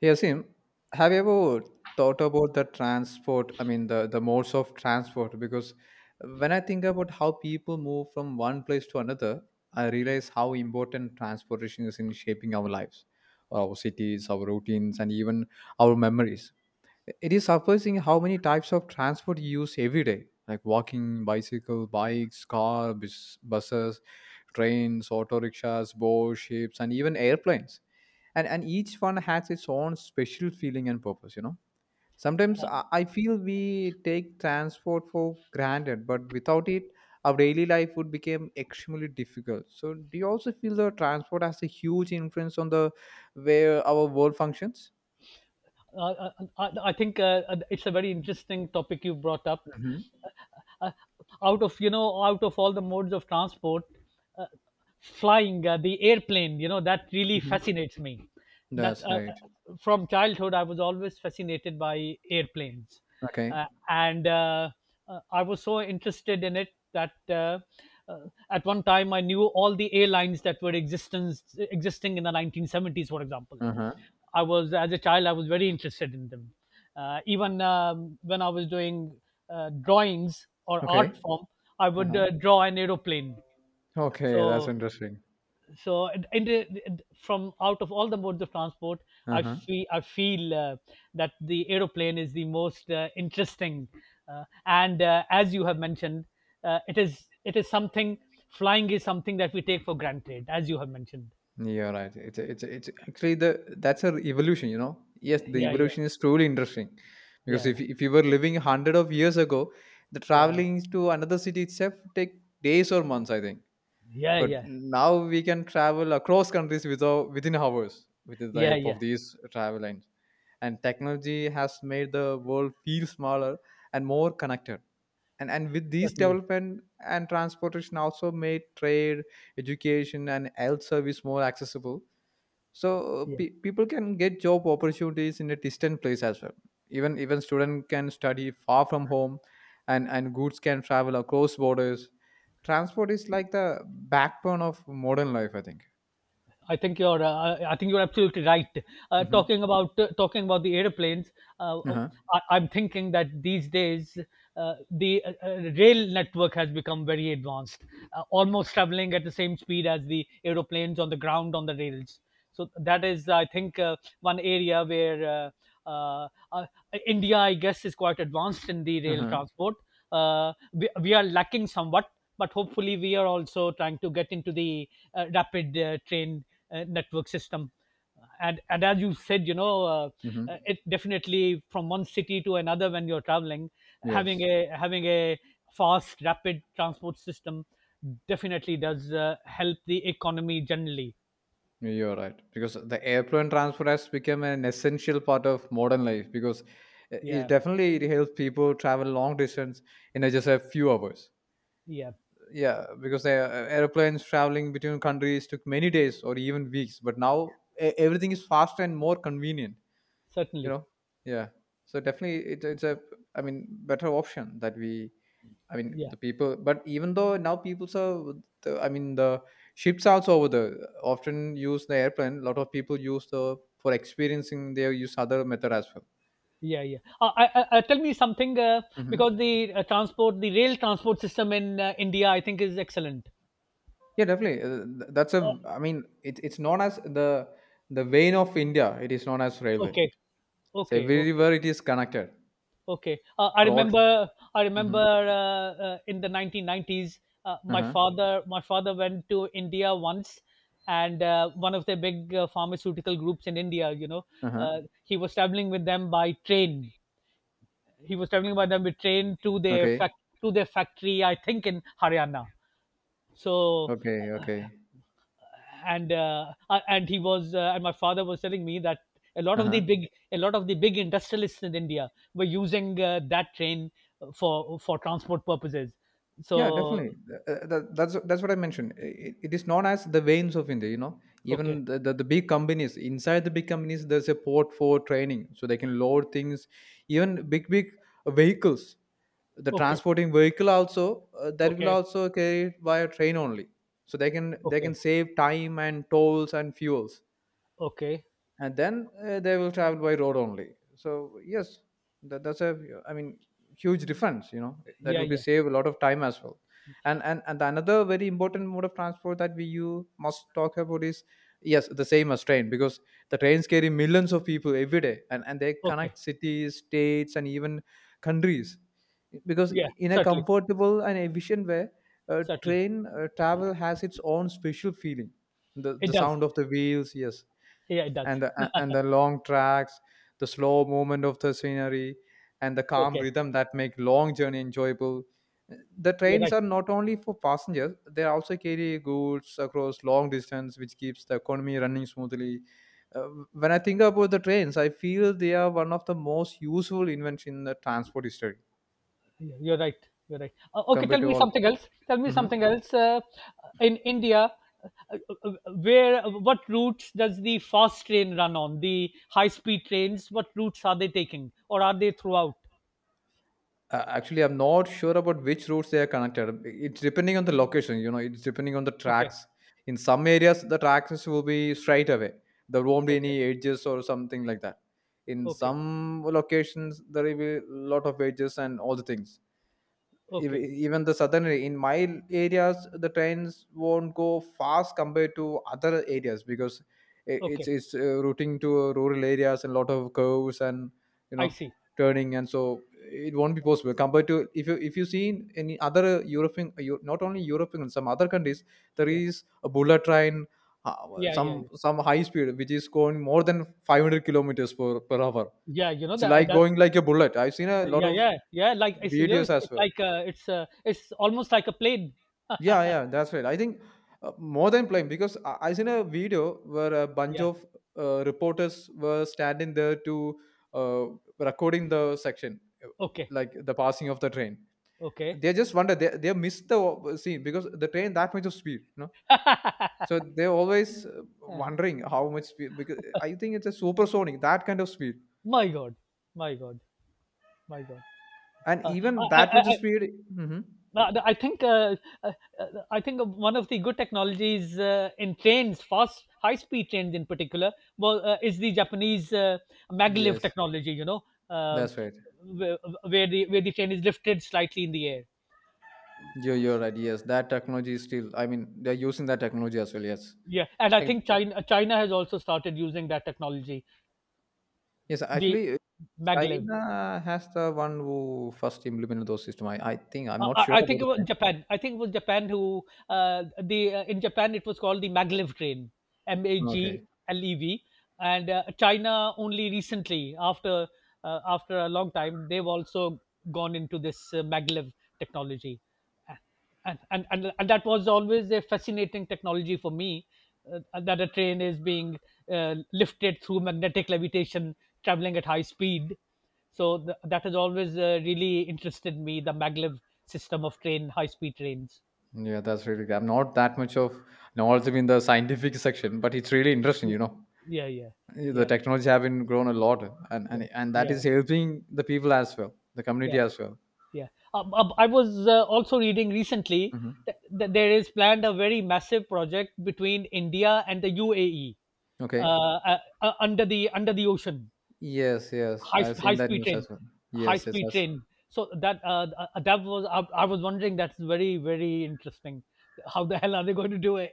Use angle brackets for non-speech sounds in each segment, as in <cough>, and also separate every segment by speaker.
Speaker 1: Hey, Asim, have you ever thought about the transport? I mean, the modes of transport? Because when I think about how people move from one place to another, I realize how important transportation is in shaping our lives, our cities, our routines, and even our memories. It is surprising how many types of transport you use every day, like walking, bicycle, bikes, car, bus, buses, trains, auto rickshaws, boats, ships, and even airplanes. And each one has its own special feeling and purpose. You know, sometimes I feel we take transport for granted, but without it, our daily life would become extremely difficult. So, do you also feel the transport has a huge influence on the way our world functions?
Speaker 2: Uh, I think it's a very interesting topic you brought up.
Speaker 1: Hmm.
Speaker 2: Uh, Out of out of all the modes of transport, uh, flying the airplane, you know, that really
Speaker 1: Hmm.
Speaker 2: fascinates me. That
Speaker 1: That's right.
Speaker 2: From childhood, I was always fascinated by airplanes,
Speaker 1: Okay.
Speaker 2: and I was so interested in it that uh, at one time I knew all the airlines that were existence existing in the 1970s, for example
Speaker 1: Uh-huh.
Speaker 2: I was as a child I was very interested in them. Even when I was doing drawings or art
Speaker 1: Okay.
Speaker 2: form, I would
Speaker 1: Uh-huh.
Speaker 2: draw an aeroplane.
Speaker 1: Okay, that's
Speaker 2: So
Speaker 1: interesting.
Speaker 2: so it- it- from out of all the modes of transport, I
Speaker 1: Uh-huh.
Speaker 2: feel I feel uh, that the aeroplane is the most interesting. And As you have mentioned, it is something. Flying is something that we take for granted, as you have mentioned.
Speaker 1: You're right. It's actually the that's a evolution, you know. Yes, the
Speaker 2: Yeah, yeah,
Speaker 1: evolution is truly interesting because
Speaker 2: yeah,
Speaker 1: if you were living 100 of years ago, the
Speaker 2: yeah,
Speaker 1: traveling to another city itself take days or months, I think.
Speaker 2: yeah,
Speaker 1: But
Speaker 2: yeah,
Speaker 1: now we can travel across countries without within hours with the
Speaker 2: yeah,
Speaker 1: help
Speaker 2: yeah.
Speaker 1: of these travel lines. And technology has made the world feel smaller and more connected, and, with these
Speaker 2: Certainly.
Speaker 1: development and transportation also made trade, education and health service more accessible. So
Speaker 2: Yeah.
Speaker 1: people can get job opportunities in a distant place as well. Even student can study far from home, and goods can travel across borders. Transport is like the backbone of modern life, I think.
Speaker 2: I think you're absolutely right.
Speaker 1: Mm-hmm.
Speaker 2: Talking about the airplanes, uh, uh,
Speaker 1: Uh-huh.
Speaker 2: I'm thinking that these days the rail network has become very advanced, almost traveling at the same speed as the aeroplanes on the ground on the rails. So that is, I think, one area where uh, uh, uh, India, I guess, is quite advanced in the rail
Speaker 1: Uh-huh.
Speaker 2: transport. We are lacking somewhat, but hopefully we are also trying to get into the rapid train network system. And as you said, you know,
Speaker 1: Mm-hmm.
Speaker 2: it definitely, from one city to another when you're traveling, having
Speaker 1: Yes.
Speaker 2: a having a fast rapid transport system definitely does help the economy generally.
Speaker 1: You're right. Because the airplane transport has become an essential part of modern life because it
Speaker 2: Yeah,
Speaker 1: definitely it helps people travel long distance in just a few hours.
Speaker 2: yeah,
Speaker 1: Yeah, because the airplanes traveling between countries took many days or even weeks, but now everything is faster and more convenient, you
Speaker 2: certainly.
Speaker 1: know? Yeah. So definitely it's a, I mean, better option that we, I mean,
Speaker 2: yeah
Speaker 1: the people, but even though now people are, the, I mean, the ships also over the often use the airplane. A lot of people use the for experiencing. They use other method as well.
Speaker 2: yeah Tell me something,
Speaker 1: Hmm.
Speaker 2: because the transport, the rail transport system in india, I think, is excellent.
Speaker 1: Yeah, definitely. That's
Speaker 2: Uh,
Speaker 1: a. I mean, it's known as the vein of India. It is known as railway.
Speaker 2: okay
Speaker 1: So
Speaker 2: Okay,
Speaker 1: everywhere it is connected
Speaker 2: okay. I
Speaker 1: for all.
Speaker 2: remember, I
Speaker 1: Mm-hmm.
Speaker 2: remember uh, uh, in the 1990s, uh,
Speaker 1: Uh
Speaker 2: my
Speaker 1: huh.
Speaker 2: father, my father went to India once, and one of the big pharmaceutical groups in India, you know,
Speaker 1: Uh huh.
Speaker 2: he was traveling with them by train. He was traveling by them by train to their
Speaker 1: Okay.
Speaker 2: fac- To their factory, I think, in Haryana. So
Speaker 1: Okay.
Speaker 2: uh,
Speaker 1: Okay.
Speaker 2: and he was and my father was telling me that
Speaker 1: Uh huh.
Speaker 2: a lot of the big industrialists in India were using that train for transport purposes.
Speaker 1: Yeah,
Speaker 2: So
Speaker 1: definitely. That's what I mentioned. It is known as the veins of India. You know,
Speaker 2: okay,
Speaker 1: even the big companies inside the big companies, there's a port for training, so they can load things, even big big vehicles. The
Speaker 2: okay,
Speaker 1: transporting vehicle also that will
Speaker 2: okay,
Speaker 1: also carry it by a train only, so they can
Speaker 2: okay,
Speaker 1: save time and tolls and fuels,
Speaker 2: okay,
Speaker 1: and then they will travel by road only. So yes, that, that's a, I mean, huge difference, you know, that
Speaker 2: yeah,
Speaker 1: will be
Speaker 2: yeah,
Speaker 1: save a lot of time as well. And another very important mode of transport that we you must talk about is yes the same as train, because the trains carry millions of people every day, and they
Speaker 2: okay,
Speaker 1: connect cities, states and even countries, because
Speaker 2: yeah,
Speaker 1: in a
Speaker 2: certainly,
Speaker 1: comfortable and efficient way.
Speaker 2: certainly,
Speaker 1: Train travel has its own special feeling, the
Speaker 2: it
Speaker 1: the
Speaker 2: does,
Speaker 1: sound of the wheels, yes,
Speaker 2: yeah, it does.
Speaker 1: and the and the long tracks, the slow movement of the scenery, and the calm
Speaker 2: Okay,
Speaker 1: rhythm that make long journey enjoyable. The
Speaker 2: you're
Speaker 1: trains
Speaker 2: right,
Speaker 1: are not only for passengers; they also carry goods across long distance, which keeps the economy running smoothly. When I think about the trains, I feel they are one of the most useful invention in the transport history
Speaker 2: you're right, you're right. Okay,
Speaker 1: compared
Speaker 2: tell
Speaker 1: to
Speaker 2: me
Speaker 1: all.
Speaker 2: something else. Tell me
Speaker 1: Mhm.
Speaker 2: something else. In India, uh, uh, where what routes does the fast train run? On the high speed trains, what routes are they taking, or are they throughout?
Speaker 1: Actually, I'm not sure about which routes they are connected. It's depending on the location, you know, it's depending on the
Speaker 2: Okay,
Speaker 1: tracks. In some areas, the tracks will be straight away. There won't be
Speaker 2: okay,
Speaker 1: any edges or something like that. In
Speaker 2: okay,
Speaker 1: some locations, there will be a lot of edges and all the things.
Speaker 2: okay,
Speaker 1: Even the southern in my areas the trains won't go fast compared to other areas, because i- it's
Speaker 2: okay,
Speaker 1: it's routing to rural areas and lot of curves and, you
Speaker 2: I
Speaker 1: know,
Speaker 2: see.
Speaker 1: turning, and so it won't be possible compared to if you see in any other european not only european, some other countries there
Speaker 2: Yeah,
Speaker 1: is a bullet train, uh,
Speaker 2: yeah,
Speaker 1: some
Speaker 2: yeah, yeah,
Speaker 1: some high speed which is going more than 500 kilometers per hour.
Speaker 2: yeah. You know
Speaker 1: It's
Speaker 2: that,
Speaker 1: like
Speaker 2: that
Speaker 1: going like a bullet. I've seen a lot
Speaker 2: yeah,
Speaker 1: of
Speaker 2: yeah, yeah, like it's, you know,
Speaker 1: videos
Speaker 2: it's,
Speaker 1: as
Speaker 2: it's
Speaker 1: well.
Speaker 2: like it's almost like a plane.
Speaker 1: Yeah, yeah, that's right. I think more than playing, because I seen a video where a bunch
Speaker 2: Yeah,
Speaker 1: of reporters were standing there to uh, recording the section,
Speaker 2: okay,
Speaker 1: like the passing of the train.
Speaker 2: okay.
Speaker 1: They just wonder they missed the scene because the train that much of speed, you know. So
Speaker 2: <laughs>
Speaker 1: they're always wondering how much speed, because I think it's a supersonic that kind of speed
Speaker 2: My god, my god, my god.
Speaker 1: and
Speaker 2: uh,
Speaker 1: even
Speaker 2: I,
Speaker 1: that
Speaker 2: I,
Speaker 1: much of speed. Hmm.
Speaker 2: No, no, uh, I think one of the good technologies in trains, fast high speed trains in particular, well, is the Japanese maglev
Speaker 1: Yes,
Speaker 2: technology. You know, uh,
Speaker 1: that's right.
Speaker 2: where, where the train is lifted slightly in the air.
Speaker 1: You're right. Yes, that technology is still, I mean, they're using that technology as well. Yes.
Speaker 2: Yeah, and I
Speaker 1: Like,
Speaker 2: think China has also started using that technology,
Speaker 1: yes,
Speaker 2: the
Speaker 1: actually,
Speaker 2: maglev.
Speaker 1: China has the one who first implemented those system. I think I'm
Speaker 2: Uh,
Speaker 1: not
Speaker 2: I
Speaker 1: sure
Speaker 2: I
Speaker 1: about
Speaker 2: think it
Speaker 1: the
Speaker 2: was
Speaker 1: time.
Speaker 2: Japan. I think it was Japan who the in Japan it was called the maglev train, M A G
Speaker 1: Okay,
Speaker 2: L E V, and China only recently, after after a long time, they've also gone into this maglev technology, and that was always a fascinating technology for me. That a train is being lifted through magnetic levitation, traveling at high speed, so that has always really interested me, the maglev system of train, high speed trains.
Speaker 1: yeah, that's really good. I'm not that much of knowledgeable in the scientific section, but it's really interesting.
Speaker 2: Yeah,
Speaker 1: You know,
Speaker 2: yeah, yeah,
Speaker 1: the
Speaker 2: yeah,
Speaker 1: technology have been grown a lot, and
Speaker 2: yeah,
Speaker 1: and, and that
Speaker 2: yeah,
Speaker 1: is helping the people as well, the
Speaker 2: yeah,
Speaker 1: community as well.
Speaker 2: yeah. I was also reading recently
Speaker 1: Hmm.
Speaker 2: that there is planned a very massive project between India and the UAE, uh,
Speaker 1: Okay.
Speaker 2: under the ocean,
Speaker 1: Yes, yes,
Speaker 2: high
Speaker 1: I've
Speaker 2: sp- high
Speaker 1: seen that
Speaker 2: speed
Speaker 1: news
Speaker 2: train,
Speaker 1: as well.
Speaker 2: high
Speaker 1: Yes, yes,
Speaker 2: speed
Speaker 1: yes.
Speaker 2: train. So that that was, I was wondering, that's very very interesting. How the hell are they going to do it?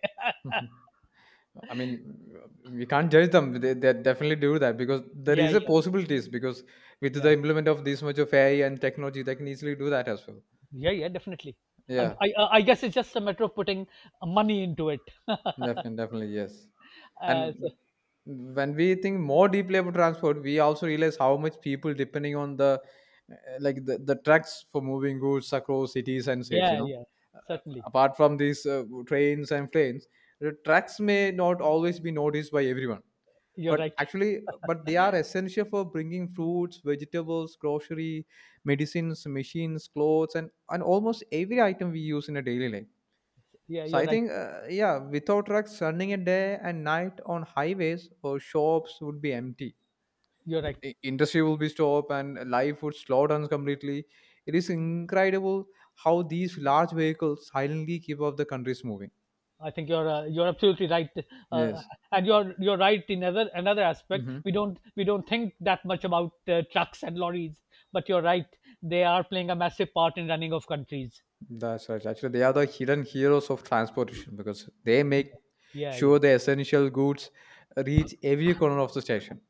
Speaker 1: I mean, we can't judge them. They definitely do that because
Speaker 2: <laughs>
Speaker 1: there
Speaker 2: Yeah,
Speaker 1: is a
Speaker 2: yeah,
Speaker 1: possibilities, because with the
Speaker 2: yeah.
Speaker 1: implement of this much of AI and technology, they can easily do that as well.
Speaker 2: Yeah, yeah, definitely. Uh,
Speaker 1: Yeah,
Speaker 2: I uh, I guess it's just a matter of putting money into it.
Speaker 1: definitely, definitely, yes.
Speaker 2: Uh, so,
Speaker 1: And when we think more deeply about transport, we also realize how much people depending on the like the trucks for moving goods across cities and states. You
Speaker 2: yeah,
Speaker 1: know,
Speaker 2: yeah,
Speaker 1: uh,
Speaker 2: certainly.
Speaker 1: apart from these trains and planes, the trucks may not always be noticed by everyone,
Speaker 2: You're
Speaker 1: but
Speaker 2: right.
Speaker 1: actually but they are essential for bringing fruits, vegetables, grocery, medicines, machines, clothes, and almost every item we use in a daily life.
Speaker 2: Yeah,
Speaker 1: So
Speaker 2: you're
Speaker 1: I
Speaker 2: right.
Speaker 1: think yeah, without trucks running a day and night on highways or shops would be empty.
Speaker 2: You're right.
Speaker 1: Industry will be stopped and life would slow down completely. It is incredible how these large vehicles silently keep up the countries moving.
Speaker 2: I think you're absolutely right, uh,
Speaker 1: Yes.
Speaker 2: and you're right in another aspect.
Speaker 1: Mhm.
Speaker 2: We don't think that much about trucks and lorries, but you're right. They are playing a massive part in running of countries.
Speaker 1: That's right. Actually, they are the hidden heroes of transportation because they make
Speaker 2: Yeah, yeah,
Speaker 1: sure the essential goods reach every corner of the station.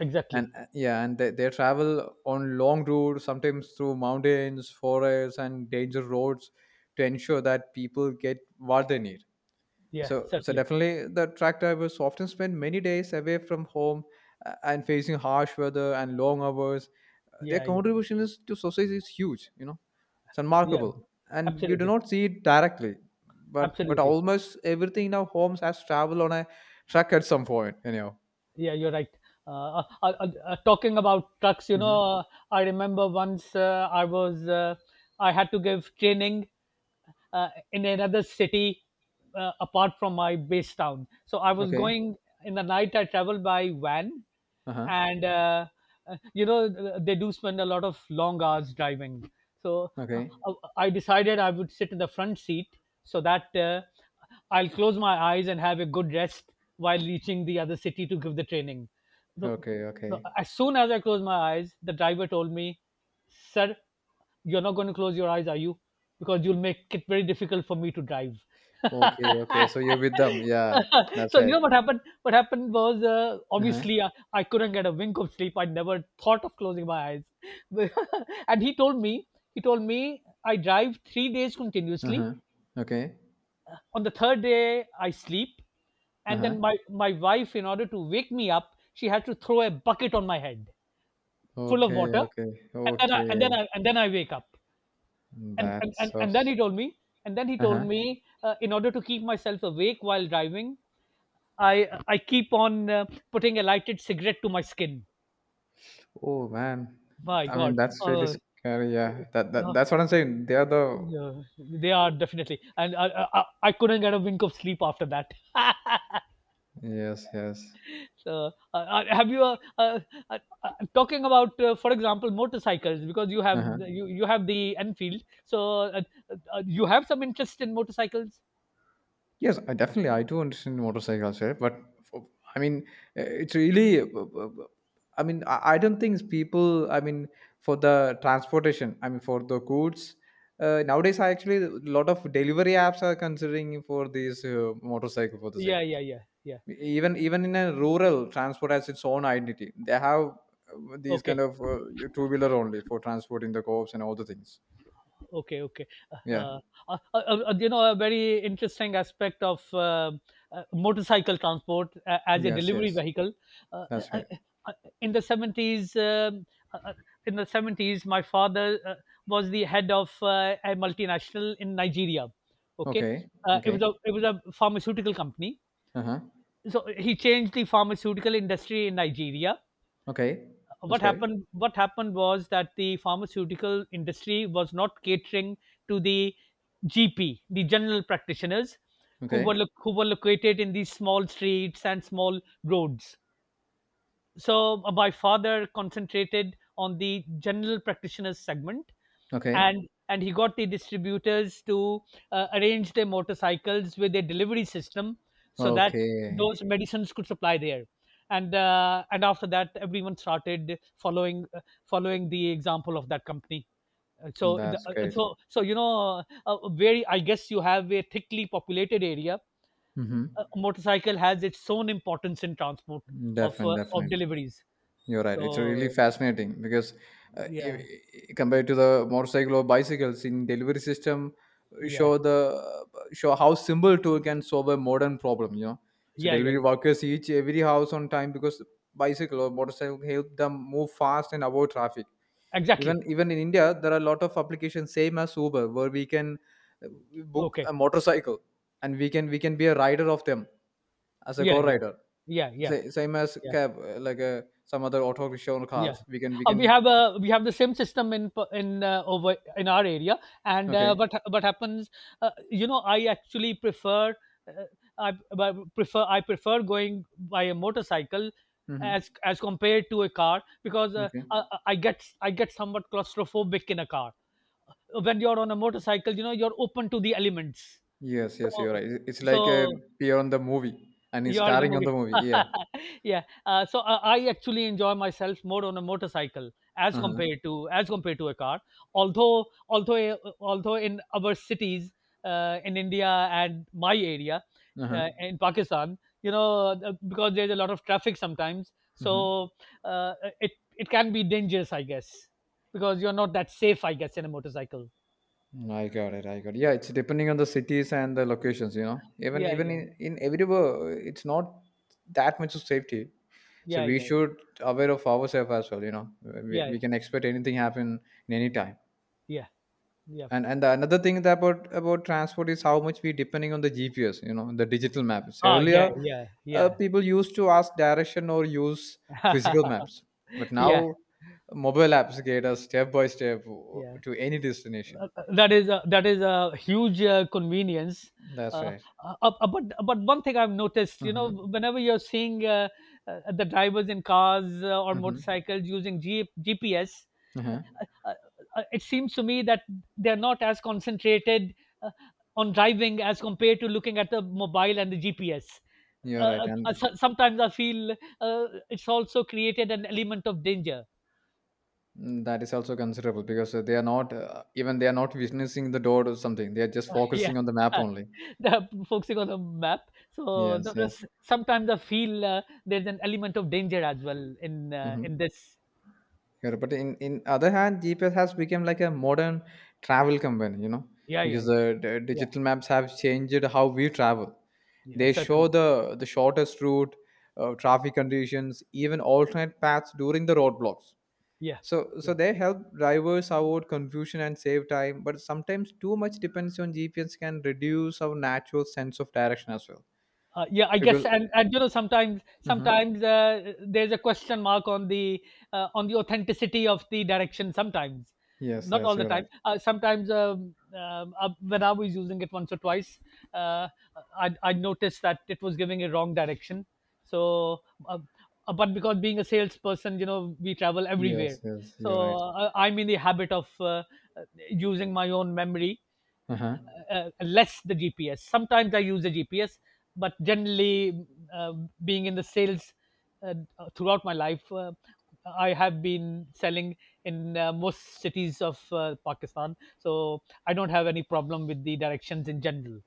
Speaker 2: exactly.
Speaker 1: And yeah, and they travel on long routes, sometimes through mountains, forests, and dangerous roads to ensure that people get what they need.
Speaker 2: Yeah,
Speaker 1: So, so
Speaker 2: certainly.
Speaker 1: definitely the truck drivers often spend many days away from home and facing harsh weather and long hours. Their
Speaker 2: Yeah, yeah,
Speaker 1: contribution is to society is huge, you know, it's
Speaker 2: yeah.
Speaker 1: remarkable. And we do
Speaker 2: Absolutely,
Speaker 1: not see it directly, but
Speaker 2: absolutely.
Speaker 1: almost everything in our homes has traveled on a truck at some point, anyhow.
Speaker 2: Yeah, you're right. Uh, talking about trucks, you
Speaker 1: Hmm.
Speaker 2: know, I remember once I had to give training in another city apart from my base town. So I was
Speaker 1: Okay.
Speaker 2: going in the night. I traveled by van,
Speaker 1: Uh-huh.
Speaker 2: and you know, they do spend a lot of long hours driving. So
Speaker 1: Okay.
Speaker 2: I decided I would sit in the front seat so that I'll close my eyes and have a good rest while reaching the other city to give the training. The,
Speaker 1: Okay. Okay.
Speaker 2: as soon as I closed my eyes, the driver told me, "Sir, you're not going to close your eyes, are you? Because you'll make it very difficult for me to drive." <laughs>
Speaker 1: Okay. Okay. So you're with them. Yeah, that's
Speaker 2: So you
Speaker 1: right.
Speaker 2: know what happened? What happened was,
Speaker 1: Uh-huh.
Speaker 2: obviously, I couldn't get a wink of sleep. I never thought of closing my eyes. <laughs> And he told me, "I drive 3 days continuously.
Speaker 1: Uh-huh. Okay.
Speaker 2: On the third day I sleep, and
Speaker 1: Uh-huh.
Speaker 2: then my wife, in order to wake me up, she had to throw a bucket on my head full of
Speaker 1: Okay,
Speaker 2: water,
Speaker 1: okay,
Speaker 2: and
Speaker 1: okay.
Speaker 2: then I wake up." and and,
Speaker 1: That's
Speaker 2: and,
Speaker 1: so.
Speaker 2: and then he told me and then he told
Speaker 1: Uh-huh.
Speaker 2: me, in order to keep myself awake while driving, I keep on putting a lighted cigarette to my skin.
Speaker 1: Oh man,
Speaker 2: My
Speaker 1: I mean
Speaker 2: god.
Speaker 1: that's really
Speaker 2: uh,
Speaker 1: scary. Yeah, that, that
Speaker 2: uh,
Speaker 1: that's what I'm saying. They are the.
Speaker 2: yeah, they are, definitely. And I couldn't get a wink of sleep after that. <laughs>
Speaker 1: Yes, yes.
Speaker 2: So have you uh, uh, talking about, for example, motorcycles, because you have
Speaker 1: Uh-huh.
Speaker 2: you, you have the enfield, so uh, you have some interest in motorcycles.
Speaker 1: Yes, I definitely I do understand motorcycles, right? But for, I mean, it's really. I mean, I don't think people. I mean, for the transportation. I mean, for the goods. Nowadays, I actually a lot of delivery apps are considering for these motorcycle for the same.
Speaker 2: Yeah, yeah, yeah, yeah,
Speaker 1: Even in a rural transport has its own identity. They have these
Speaker 2: okay.
Speaker 1: kind of two wheeler only for transporting the co-ops and all the things.
Speaker 2: Okay, okay.
Speaker 1: Yeah.
Speaker 2: Uh, uh, uh, you know, a very interesting aspect of motorcycle transport as a
Speaker 1: Yes,
Speaker 2: delivery
Speaker 1: yes,
Speaker 2: vehicle. Uh,
Speaker 1: that's
Speaker 2: uh,
Speaker 1: right.
Speaker 2: uh, in the seventies, uh, uh, in the seventies, my father was the head of a multinational in Nigeria. Okay,
Speaker 1: Okay. Okay.
Speaker 2: it was a pharmaceutical company.
Speaker 1: Uh-huh.
Speaker 2: So he changed the pharmaceutical industry in Nigeria.
Speaker 1: Okay. That's great.
Speaker 2: What happened was that the pharmaceutical industry was not catering to the gp, the general practitioners,
Speaker 1: Okay.
Speaker 2: who were located in these small streets and small roads. So my father concentrated on the general practitioners segment,
Speaker 1: Okay.
Speaker 2: and he got the distributors to arrange their motorcycles with a delivery system, so that those
Speaker 1: Okay.
Speaker 2: medicines could supply there. And and after that, everyone started following following the example of that company. So the,
Speaker 1: That's great.
Speaker 2: so So you know, a very, I guess, you have a thickly populated area,
Speaker 1: Mm-hmm.
Speaker 2: a motorcycle has its own importance in transport
Speaker 1: Definitely,
Speaker 2: of
Speaker 1: definitely.
Speaker 2: deliveries.
Speaker 1: You're right. It's really
Speaker 2: So
Speaker 1: fascinating because
Speaker 2: yeah,
Speaker 1: compared to the motorcycle or bicycles in delivery system,
Speaker 2: yeah,
Speaker 1: show the show how simple tool can solve a modern problem. You know, so
Speaker 2: yeah, yeah,
Speaker 1: delivery
Speaker 2: yeah.
Speaker 1: workers reach every house on time, because bicycle or motorcycle help them move fast and avoid traffic. Even
Speaker 2: Exactly.
Speaker 1: even in India, there are a lot of applications same as Uber where we can uh, book
Speaker 2: Okay.
Speaker 1: a motorcycle, and we can be a rider of them as a
Speaker 2: Yeah, yeah.
Speaker 1: co-rider.
Speaker 2: Yeah, yeah,
Speaker 1: Same as
Speaker 2: yeah,
Speaker 1: cab, some other auto rickshaw or
Speaker 2: yeah.
Speaker 1: cars. We can, we can.
Speaker 2: We have the same system in over in our area, and
Speaker 1: Okay.
Speaker 2: what happens? You know, I actually prefer uh, I b- prefer I prefer going by a motorcycle
Speaker 1: Mm-hmm.
Speaker 2: as compared to a car, because uh,
Speaker 1: Okay.
Speaker 2: I, I get I get somewhat claustrophobic in a car. When you're on a motorcycle, you know, you're open to the elements.
Speaker 1: Yes, yes, you're
Speaker 2: So
Speaker 1: right. It- It's like a
Speaker 2: so
Speaker 1: peer on the movie, and it's
Speaker 2: You are the
Speaker 1: starring on the
Speaker 2: movie.
Speaker 1: movie.
Speaker 2: <laughs>
Speaker 1: Yeah.
Speaker 2: Yeah. So I actually enjoy myself more on a motorcycle as
Speaker 1: Uh huh.
Speaker 2: compared to a car. Although although in our cities in India and my area
Speaker 1: Uh huh.
Speaker 2: in Pakistan, you know, because there's a lot of traffic sometimes,
Speaker 1: Mm-hmm.
Speaker 2: so uh, it it can be dangerous, I guess, because you're not that safe, I guess, in a motorcycle.
Speaker 1: I got it. I got it. Yeah, it's depending on the cities and the locations. You know, even
Speaker 2: Yeah,
Speaker 1: even
Speaker 2: yeah,
Speaker 1: in in everywhere, it's not that much of safety. So
Speaker 2: yeah,
Speaker 1: we
Speaker 2: yeah,
Speaker 1: should aware of ourselves as well. You know, we,
Speaker 2: yeah,
Speaker 1: we can expect anything happen in any time.
Speaker 2: yeah, yeah.
Speaker 1: And the another thing that about transport is how much we depending on the GPS, you know, the digital maps. So
Speaker 2: Oh,
Speaker 1: earlier
Speaker 2: yeah, yeah, yeah,
Speaker 1: people used to ask direction or use physical maps, but
Speaker 2: <laughs> yeah,
Speaker 1: now mobile apps get us step by step
Speaker 2: yeah.
Speaker 1: to any destination.
Speaker 2: That is a huge convenience.
Speaker 1: That's
Speaker 2: Uh,
Speaker 1: right.
Speaker 2: but one thing I've noticed, you
Speaker 1: Mm-hmm.
Speaker 2: know, whenever you're seeing the drivers in cars or
Speaker 1: Mm-hmm.
Speaker 2: motorcycles using GPS,
Speaker 1: Uh-huh.
Speaker 2: uh, it seems to me that they're not as concentrated uh, on driving as compared to looking at the mobile and the GPS.
Speaker 1: You're right. And
Speaker 2: So- sometimes I feel it's also created an element of danger.
Speaker 1: mm, that is also considerable because they are not even they are not witnessing the door or something. They are just
Speaker 2: <laughs> Yeah.
Speaker 1: focusing on the map
Speaker 2: Uh,
Speaker 1: only.
Speaker 2: the <laughs> focusing on the map. So
Speaker 1: Yes,
Speaker 2: the
Speaker 1: yes.
Speaker 2: sometimes I feel there's an element of danger as well
Speaker 1: Mm-hmm.
Speaker 2: in this.
Speaker 1: Yeah, but in other hand, GPS has become like a modern travel company, you know,
Speaker 2: Yeah, yeah,
Speaker 1: because
Speaker 2: yeah,
Speaker 1: the
Speaker 2: yeah,
Speaker 1: digital maps have changed how we travel.
Speaker 2: yeah,
Speaker 1: They show
Speaker 2: certainly.
Speaker 1: the shortest route, traffic conditions, even alternate paths during the roadblocks.
Speaker 2: Yeah,
Speaker 1: So
Speaker 2: yeah.
Speaker 1: they help drivers avoid confusion and save time. But sometimes too much depends on GPS can reduce our natural sense of direction as well.
Speaker 2: Yeah, I guess,
Speaker 1: Because
Speaker 2: and you know, sometimes
Speaker 1: mhm,
Speaker 2: sometimes there's a question mark on the on the authenticity of the direction. Sometimes,
Speaker 1: yes,
Speaker 2: not
Speaker 1: yes,
Speaker 2: all the
Speaker 1: you're right.
Speaker 2: time. Sometimes when I was using it once or twice, uh, I noticed that it was giving a wrong direction. So, uh, but because being a salesperson, you know, we travel everywhere.
Speaker 1: Yes, yes,
Speaker 2: So
Speaker 1: you're right.
Speaker 2: I'm in the habit of using my own memory
Speaker 1: Uh-huh.
Speaker 2: less the GPS. Sometimes I use the GPS, but generally, uh, being in the sales uh, throughout my life, I have been selling in most cities of Pakistan. So I don't have any problem with the directions in general.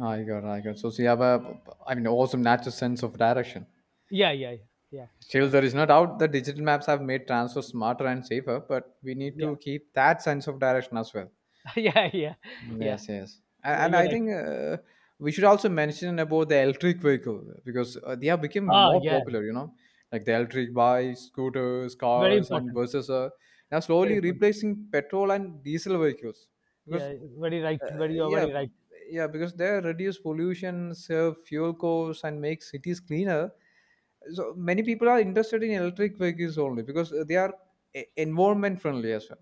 Speaker 1: I got, I got. So, so you have a, I mean, awesome natural sense of direction.
Speaker 2: Yeah, yeah, yeah,
Speaker 1: Still,
Speaker 2: yeah,
Speaker 1: there is no doubt that digital maps have made transfer smarter and safer, but we need
Speaker 2: yeah,
Speaker 1: to keep that sense of direction as well.
Speaker 2: <laughs> yeah, yeah, yeah,
Speaker 1: Mm,
Speaker 2: yeah,
Speaker 1: yes, yes.
Speaker 2: yeah,
Speaker 1: And
Speaker 2: you're
Speaker 1: I
Speaker 2: right.
Speaker 1: think we should also mention about the electric vehicle because they have become
Speaker 2: Ah,
Speaker 1: more
Speaker 2: yeah,
Speaker 1: popular, you know, like the electric bikes, scooters,
Speaker 2: very
Speaker 1: cars, and
Speaker 2: important,
Speaker 1: buses are now
Speaker 2: very
Speaker 1: slowly
Speaker 2: important.
Speaker 1: replacing petrol and diesel vehicles because
Speaker 2: Yeah, very right. Very,
Speaker 1: uh,
Speaker 2: you're
Speaker 1: yeah,
Speaker 2: very right.
Speaker 1: yeah, because they reduce pollution, save fuel costs, and make cities cleaner. So many people are interested in electric vehicles only because they are environment friendly as well.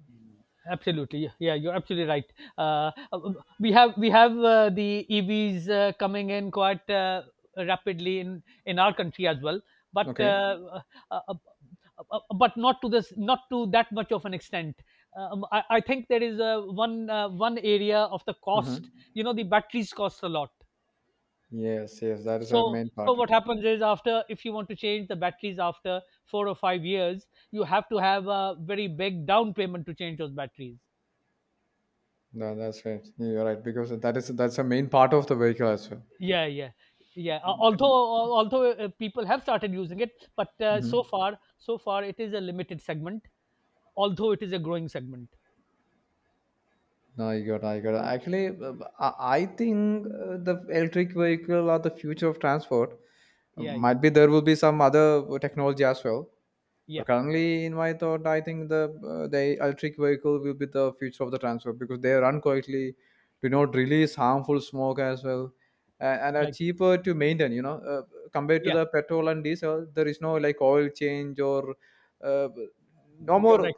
Speaker 2: Absolutely, yeah, yeah, you're absolutely right. We have the EVs coming in quite rapidly in our country as well, but
Speaker 1: Okay.
Speaker 2: uh, uh, but not to this not to that much of an extent. I think there is one one area of the
Speaker 1: Uh-huh.
Speaker 2: cost. You know, the batteries cost a lot.
Speaker 1: Yes, yes, that is a
Speaker 2: So
Speaker 1: main
Speaker 2: so
Speaker 1: part.
Speaker 2: what happens is after if you want to change the batteries after 4 or 5 years, you have to have a very big down payment to change those batteries.
Speaker 1: No, that's right, you're right, because that is that's a main part of the vehicle as well.
Speaker 2: Yeah, yeah, yeah. Although people have started using it but so
Speaker 1: Mhm.
Speaker 2: far so far it is a limited segment, although it is a growing segment.
Speaker 1: No, I got, I got. Actually, I think the electric vehicle are the future of transport.
Speaker 2: Yeah, yeah,
Speaker 1: Might be there will be some other technology as well.
Speaker 2: yeah,
Speaker 1: But currently, in my thought, I think the electric vehicle will be the future of the transport because they run quietly, do not release harmful smoke as well, and are
Speaker 2: right,
Speaker 1: cheaper to maintain. You know, compared to
Speaker 2: yeah,
Speaker 1: the petrol and diesel, there is no like oil change or uh, no
Speaker 2: you're
Speaker 1: more,
Speaker 2: right,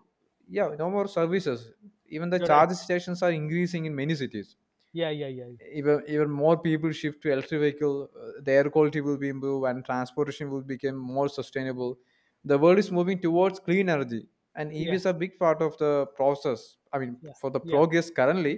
Speaker 1: yeah, no more services. Even the
Speaker 2: you're right,
Speaker 1: charging stations are increasing in many cities.
Speaker 2: yeah, yeah, yeah,
Speaker 1: Even more people shift to electric vehicle, the air quality will be improved and transportation will become more sustainable. The world is moving towards clean energy, and
Speaker 2: yeah,
Speaker 1: EVs are a big part of the process, I mean
Speaker 2: yeah,
Speaker 1: for the
Speaker 2: yeah.
Speaker 1: progress currently.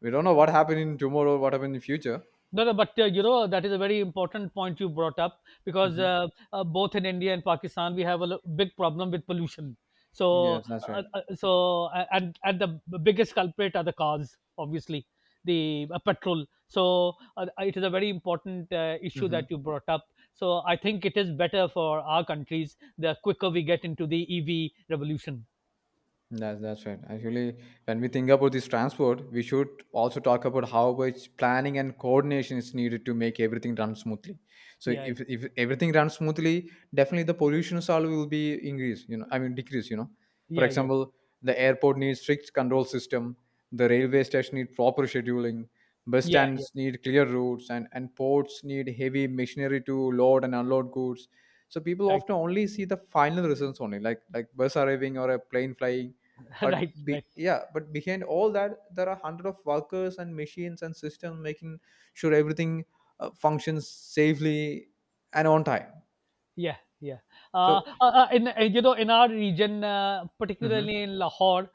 Speaker 1: We don't know what happened in tomorrow, what happened in future.
Speaker 2: No, no, but you know that is a very important point you brought up because
Speaker 1: Hmm.
Speaker 2: both in India and Pakistan we have a big problem with pollution. So,
Speaker 1: Yes, that's right.
Speaker 2: so and the biggest culprit are the cars, obviously the petrol. So it is a very important issue
Speaker 1: Hmm.
Speaker 2: that you brought up. So I think it is better for our countries the quicker we get into the EV revolution.
Speaker 1: That's right. Actually, when we think about this transport, we should also talk about how much planning and coordination is needed to make everything run smoothly. So
Speaker 2: Yeah,
Speaker 1: if everything runs smoothly, definitely the pollution solve will be increase. You know, I mean decrease. You know, for
Speaker 2: yeah, yeah, yeah,
Speaker 1: example, the airport needs strict control system. The railway station need proper scheduling. Bus
Speaker 2: yeah, yeah.
Speaker 1: stands need clear routes, and ports need heavy machinery to load and unload goods. So people
Speaker 2: Right,
Speaker 1: often only see the final results only, like bus arriving or a plane flying,
Speaker 2: <laughs>
Speaker 1: but
Speaker 2: right,
Speaker 1: be,
Speaker 2: right.
Speaker 1: yeah but behind all that there are hundred of workers and machines and systems making sure everything functions safely and on time.
Speaker 2: Yeah, yeah.
Speaker 1: So
Speaker 2: In you know, in our region,
Speaker 1: mhm.
Speaker 2: particularly in Lahore,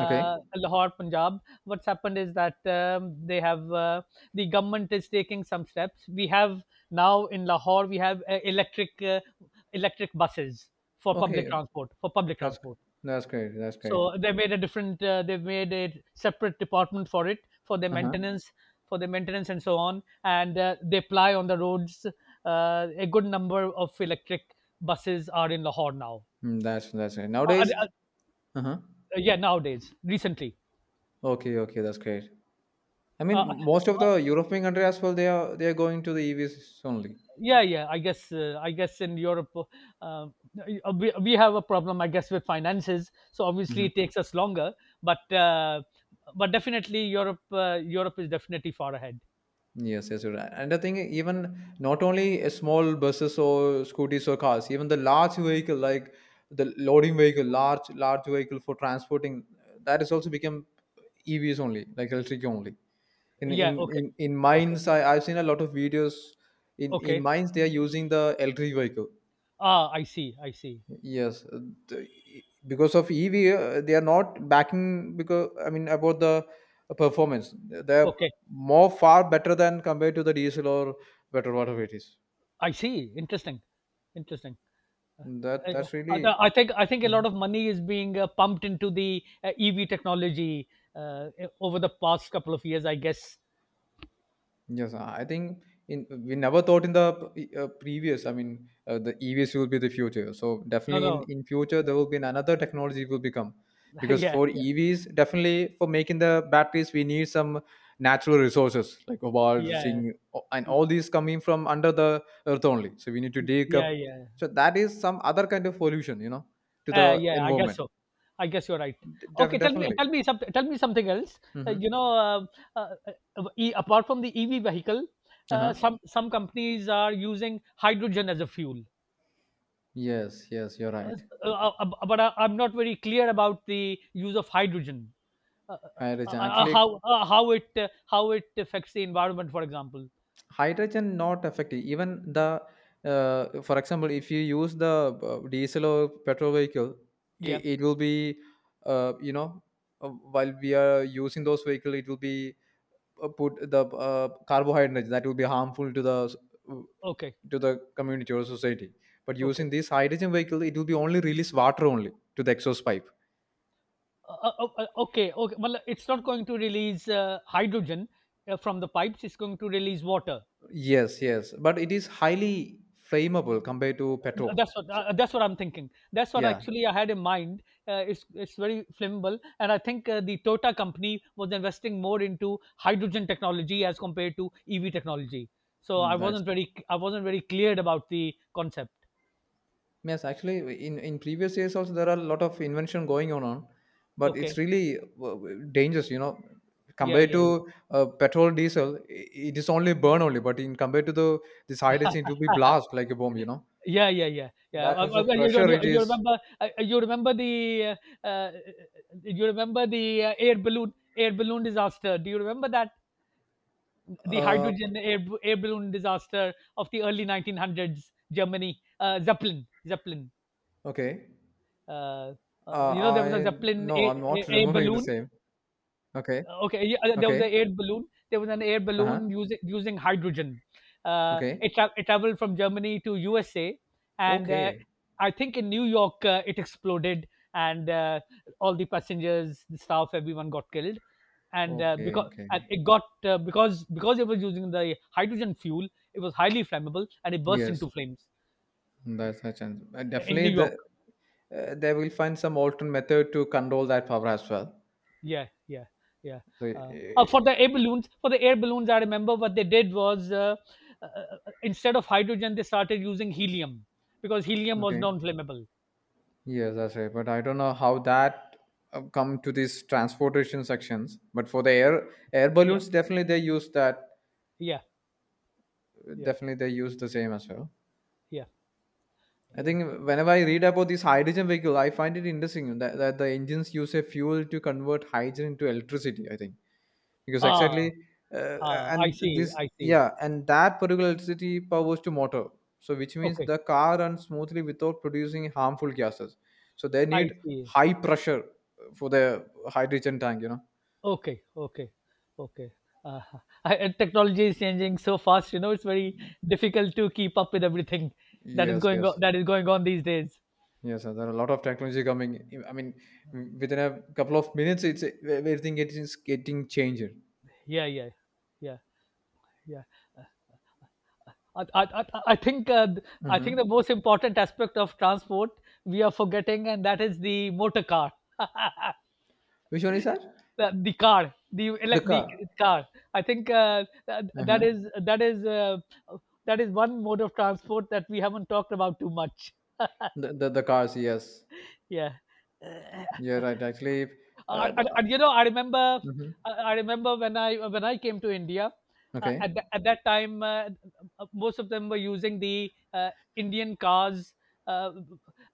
Speaker 1: Okay,
Speaker 2: Lahore, Punjab, what's happened is that they have the government is taking some steps. We have now in Lahore, we have electric electric buses for public
Speaker 1: okay,
Speaker 2: transport. For public
Speaker 1: that's
Speaker 2: transport,
Speaker 1: that's great, that's great.
Speaker 2: so they made a different. They've made a separate department for it
Speaker 1: Uh-huh.
Speaker 2: for their maintenance and so on. And they ply on the roads. A good number of electric buses are in Lahore now.
Speaker 1: Mm, that's right
Speaker 2: Uh, uh,
Speaker 1: nowadays.
Speaker 2: uh,
Speaker 1: Uh-huh.
Speaker 2: yeah, nowadays, recently.
Speaker 1: Okay, okay, that's great. I
Speaker 2: Uh,
Speaker 1: mean most of
Speaker 2: uh,
Speaker 1: the European country as well, they are going to the EVs only.
Speaker 2: yeah, yeah. I guess. I guess in Europe, uh, uh, we have a problem. I guess with finances. So obviously, it takes us longer. But uh, but definitely, Europe. Europe is definitely far ahead.
Speaker 1: Yes, yes, you're right. And I think even not only small buses or scooters or cars, even the large vehicle like the loading vehicle, large vehicle for transporting, that is also become EVs only, like electric only. In in
Speaker 2: Yeah. Okay.
Speaker 1: in, in
Speaker 2: Okay.
Speaker 1: mines, I've seen a lot of videos. In
Speaker 2: Okay.
Speaker 1: mines, they are using the electric vehicle.
Speaker 2: Ah, I see, I see.
Speaker 1: Yes, the, because of EV, they are not backing because I mean about the performance. They're
Speaker 2: Okay,
Speaker 1: more far better than compared to the diesel or petrol whatever it is.
Speaker 2: I see. Interesting, interesting.
Speaker 1: That
Speaker 2: Uh,
Speaker 1: that's really.
Speaker 2: I think a
Speaker 1: Mm-hmm.
Speaker 2: lot of money is being pumped into the EV technology over the past couple of years, I guess.
Speaker 1: Yes, I think in we never thought in the previous. I mean, the EVs will be the future. So
Speaker 2: No,
Speaker 1: definitely
Speaker 2: no,
Speaker 1: in future
Speaker 2: no.
Speaker 1: there will be another technology will become
Speaker 2: <laughs>
Speaker 1: because
Speaker 2: Yeah,
Speaker 1: for
Speaker 2: yeah,
Speaker 1: EVs definitely for making the batteries we need some natural resources like cobalt,
Speaker 2: yeah,
Speaker 1: zinc, and all these coming from under the earth only. So we need to dig up.
Speaker 2: yeah, yeah.
Speaker 1: So that is some other kind of pollution, you know, to the
Speaker 2: Yeah, I guess
Speaker 1: environment.
Speaker 2: so. I guess you're right. Okay,
Speaker 1: Definitely.
Speaker 2: tell me something. Tell me something else.
Speaker 1: Mm-hmm.
Speaker 2: You know, uh, uh, apart from the EV vehicle,
Speaker 1: Uh huh.
Speaker 2: some companies are using hydrogen as a fuel.
Speaker 1: Yes, yes, you're
Speaker 2: Uh,
Speaker 1: right.
Speaker 2: but I'm not very clear about the use of hydrogen. Uh,
Speaker 1: Hi, Richa. Actually,
Speaker 2: how it affects the environment, for example.
Speaker 1: hydrogen not effective even the for example if you use the diesel or petrol vehicle, it,
Speaker 2: Yeah.
Speaker 1: it will be you know while we are using those vehicle it will be put the carbohydrates that will be harmful to the
Speaker 2: Okay.
Speaker 1: to the community or society, but
Speaker 2: Okay.
Speaker 1: using this hydrogen vehicle it will be only release water only to the exhaust pipe.
Speaker 2: Okay. Okay. Well, it's not going to release hydrogen from the pipes. It's going to release water.
Speaker 1: Yes, yes, but it is highly flammable compared to petrol.
Speaker 2: That's what
Speaker 1: So,
Speaker 2: that's what I'm thinking, that's what
Speaker 1: yeah.
Speaker 2: actually I had in mind. It's very flammable, and I think the Toyota company was investing more into hydrogen technology as compared to EV technology. So I
Speaker 1: Mm, that's
Speaker 2: wasn't very, I wasn't very cleared about the concept.
Speaker 1: yes, actually, in previous years also there are a lot of invention going on but it's
Speaker 2: Okay,
Speaker 1: really dangerous. You know,
Speaker 2: yeah,
Speaker 1: compared
Speaker 2: yeah,
Speaker 1: to
Speaker 2: yeah,
Speaker 1: petrol, diesel, it is only burn only. But in compared to the this hydrogen, it will be blast
Speaker 2: <laughs>
Speaker 1: like a bomb. You know,
Speaker 2: yeah, yeah, yeah, yeah.
Speaker 1: that much of
Speaker 2: Well, you,
Speaker 1: pressure
Speaker 2: you,
Speaker 1: it
Speaker 2: you
Speaker 1: is.
Speaker 2: remember? You remember the? Uh, uh, you remember the air balloon disaster? Do you remember that? The
Speaker 1: Uh,
Speaker 2: hydrogen air, air balloon disaster of the early 1900s, Germany, Zeppelin, Zeppelin.
Speaker 1: okay.
Speaker 2: Uh, you know, there was a
Speaker 1: I
Speaker 2: Zeppelin
Speaker 1: no, I'm not <laughs>
Speaker 2: air
Speaker 1: remembering the
Speaker 2: balloon.
Speaker 1: same. Okay.
Speaker 2: Okay, yeah, there was
Speaker 1: Okay.
Speaker 2: an air balloon. There was an air
Speaker 1: Uh huh.
Speaker 2: balloon using hydrogen.
Speaker 1: Okay.
Speaker 2: It traveled from Germany to USA, and
Speaker 1: Okay.
Speaker 2: I think in New York it exploded, and all the passengers, the staff, everyone got killed. And
Speaker 1: Okay.
Speaker 2: because and
Speaker 1: Okay.
Speaker 2: it got because it was using the hydrogen fuel, it was highly flammable, and it burst
Speaker 1: Yes,
Speaker 2: into flames
Speaker 1: that's a chance.
Speaker 2: in
Speaker 1: Definitely
Speaker 2: New York.
Speaker 1: the they will find some alternate method to control that power as well.
Speaker 2: Yeah, yeah, yeah.
Speaker 1: So
Speaker 2: Oh, for the air balloons, for the air balloons, I remember what they did was uh, uh, instead of hydrogen, they started using helium because helium was
Speaker 1: okay,
Speaker 2: non-flammable.
Speaker 1: yes, that's right, but I don't know how that come to these transportation sections, but for the air air
Speaker 2: Yeah,
Speaker 1: balloons definitely they use that,
Speaker 2: yeah, yeah,
Speaker 1: definitely they use the same as well.
Speaker 2: yeah,
Speaker 1: I
Speaker 2: yeah.
Speaker 1: think whenever I read about this hydrogen vehicle I find it interesting that, that the engines use a fuel to convert hydrogen into electricity, I think, because exactly
Speaker 2: Ah, ah, I
Speaker 1: and
Speaker 2: see,
Speaker 1: this
Speaker 2: I see.
Speaker 1: yeah and that particular electricity powers to motor, so which means
Speaker 2: Okay,
Speaker 1: the car runs smoothly without producing harmful gases, so they
Speaker 2: I
Speaker 1: need
Speaker 2: see.
Speaker 1: high pressure for the hydrogen tank, you know.
Speaker 2: Okay, okay, okay. Uh, I, technology is changing so fast. You know, it's very difficult to keep up with everything that is
Speaker 1: Yes,
Speaker 2: going
Speaker 1: yes.
Speaker 2: on, that is going on these days.
Speaker 1: Yes sir. There are a lot of technology coming, I mean within a couple of minutes it's everything is getting changed.
Speaker 2: Yeah, yeah, yeah, yeah. I, I, I I think uh, I think
Speaker 1: Hmm.
Speaker 2: the most important aspect of transport we are forgetting, and that is the motor car, <laughs>
Speaker 1: Which one is that?
Speaker 2: the car, the
Speaker 1: The
Speaker 2: elec the
Speaker 1: car.
Speaker 2: car. I think that
Speaker 1: Uh-huh.
Speaker 2: is that is one mode of transport that we haven't talked about too much.
Speaker 1: The cars. Yes.
Speaker 2: Yeah.
Speaker 1: Yeah. Right. Actually. Uh,
Speaker 2: And, you know, I remember,
Speaker 1: mhm.
Speaker 2: I remember when I came to India.
Speaker 1: Okay.
Speaker 2: At that time, most of them were using the Indian cars, uh,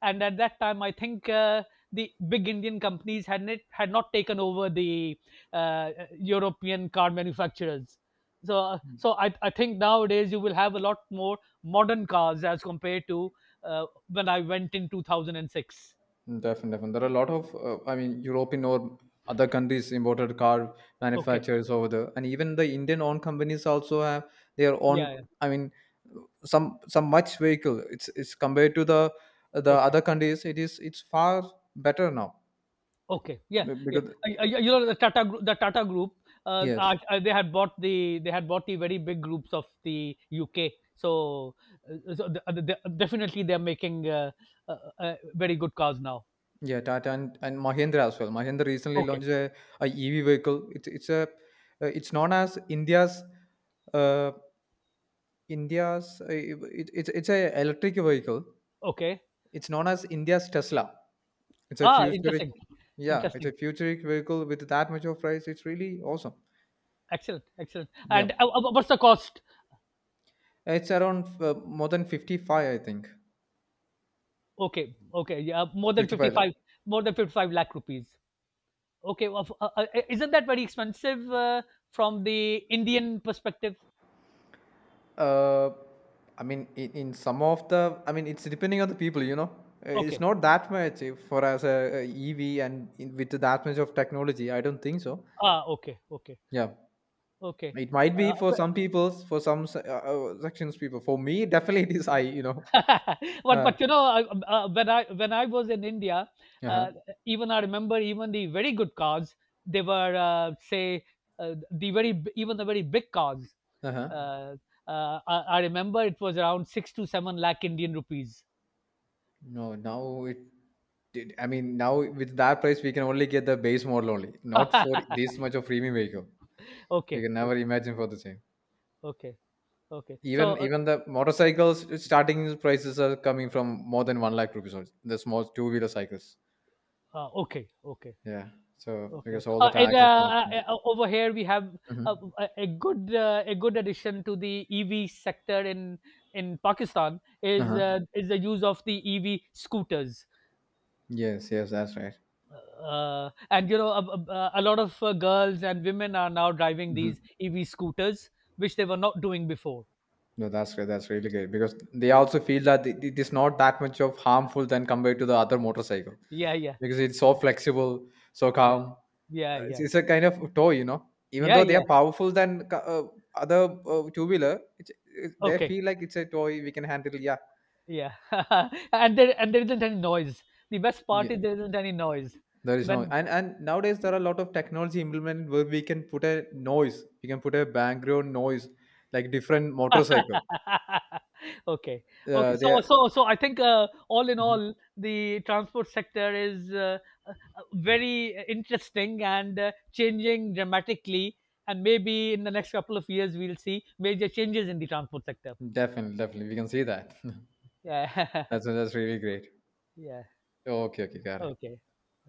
Speaker 2: and at that time, I think the big Indian companies had not taken over the uh, European car manufacturers. So, so I think nowadays you will have a lot more modern cars as compared to when I went in 2006.
Speaker 1: Definitely, definitely. There are a lot of, I mean, European or other countries imported car
Speaker 2: Okay.
Speaker 1: manufacturers over there, and even the Indian-owned companies also have their own.
Speaker 2: Yeah, yeah.
Speaker 1: I mean, some much vehicle. It's compared to the
Speaker 2: Okay.
Speaker 1: other countries. It is it's far better now.
Speaker 2: Okay. Yeah, yeah.
Speaker 1: Because
Speaker 2: You know, the Tata Group,
Speaker 1: yes,
Speaker 2: they had bought the they had bought the very big groups of the UK. So, so definitely they're making very good cars now.
Speaker 1: yeah, Tata and Mahindra as well. Mahindra recently
Speaker 2: Okay.
Speaker 1: launched a, EV vehicle. It's a it's known as India's uh, India's it's a electric vehicle.
Speaker 2: Okay.
Speaker 1: It's known as India's Tesla. It's a
Speaker 2: Ah,
Speaker 1: futuristic,
Speaker 2: interesting.
Speaker 1: yeah, it's a
Speaker 2: Interesting.
Speaker 1: futuristic vehicle with that much of price. It's really awesome.
Speaker 2: Excellent. Excellent.
Speaker 1: Yeah,
Speaker 2: And what's the cost?
Speaker 1: it's around more than 55, I think.
Speaker 2: Okay. Okay. Yeah, more than
Speaker 1: 55 lakh.
Speaker 2: 55, more than 55 lakh rupees. Okay. Well, isn't that very expensive from the Indian perspective?
Speaker 1: Uh, I mean, in some of the, I mean, it's depending on the people, you know. It's
Speaker 2: Okay.
Speaker 1: not that much if for as a, EV and in, with that much of technology. I don't think so.
Speaker 2: Ah, okay, okay.
Speaker 1: Yeah,
Speaker 2: Okay.
Speaker 1: it might be for
Speaker 2: But
Speaker 1: some people, for some sections people. For me, <laughs> definitely it is high, you know.
Speaker 2: <laughs>
Speaker 1: Uh,
Speaker 2: but you know when I was in India,
Speaker 1: uh huh.
Speaker 2: uh, even I remember even the very good cars. They were say the even the very big cars.
Speaker 1: Uh huh.
Speaker 2: Uh, I remember it was around 6 to 7 lakh Indian rupees.
Speaker 1: No, now it. I mean, now with that price, we can only get the base model only. Not for
Speaker 2: <laughs>
Speaker 1: this much of premium vehicle. We
Speaker 2: Okay,
Speaker 1: can never
Speaker 2: okay,
Speaker 1: imagine for the same.
Speaker 2: okay, okay. So
Speaker 1: Even even the motorcycles starting prices are coming from more than one lakh rupees. Also, the small two wheeler cycles.
Speaker 2: okay, okay.
Speaker 1: Yeah. So
Speaker 2: Okay.
Speaker 1: because all the
Speaker 2: And
Speaker 1: taxes and all things.
Speaker 2: over here we have a,
Speaker 1: Hmm.
Speaker 2: a good addition to the EV sector in Pakistan
Speaker 1: Uh-huh.
Speaker 2: is the use of the EV scooters.
Speaker 1: Yes. Yes. That's right.
Speaker 2: And you know a lot of girls and women are now driving
Speaker 1: Hmm.
Speaker 2: these EV scooters, which they were not doing before.
Speaker 1: No, that's great. That's really great because they also feel that it is not that much of harmful than compared to the other motorcycle,
Speaker 2: Yeah, yeah,
Speaker 1: because it's so
Speaker 2: yeah,
Speaker 1: flexible, so calm.
Speaker 2: yeah, yeah, yeah,
Speaker 1: It's a kind of toy, you know. Even
Speaker 2: yeah,
Speaker 1: though they are
Speaker 2: yeah.
Speaker 1: powerful than other two wheeler, they
Speaker 2: Okay,
Speaker 1: feel like it's a toy we can handle. Yeah,
Speaker 2: yeah. <laughs> and there isn't any noise. The best
Speaker 1: yeah.
Speaker 2: part is there isn't any noise
Speaker 1: There is no,
Speaker 2: when
Speaker 1: and and nowadays there are a lot of technology implemented where we can put a noise. We can put a background noise, like different motorcycle.
Speaker 2: <laughs> Okay. Okay.
Speaker 1: They
Speaker 2: So
Speaker 1: are,
Speaker 2: so so I think, all in
Speaker 1: mhm.
Speaker 2: all, the transport sector is, very interesting and, changing dramatically, and maybe in the next couple of years, we'll see major changes in the transport sector.
Speaker 1: Definitely, definitely we can see that. <laughs>
Speaker 2: Yeah.
Speaker 1: that's
Speaker 2: <laughs>
Speaker 1: that's really great.
Speaker 2: Yeah.
Speaker 1: Okay, okay, got it.
Speaker 2: Okay.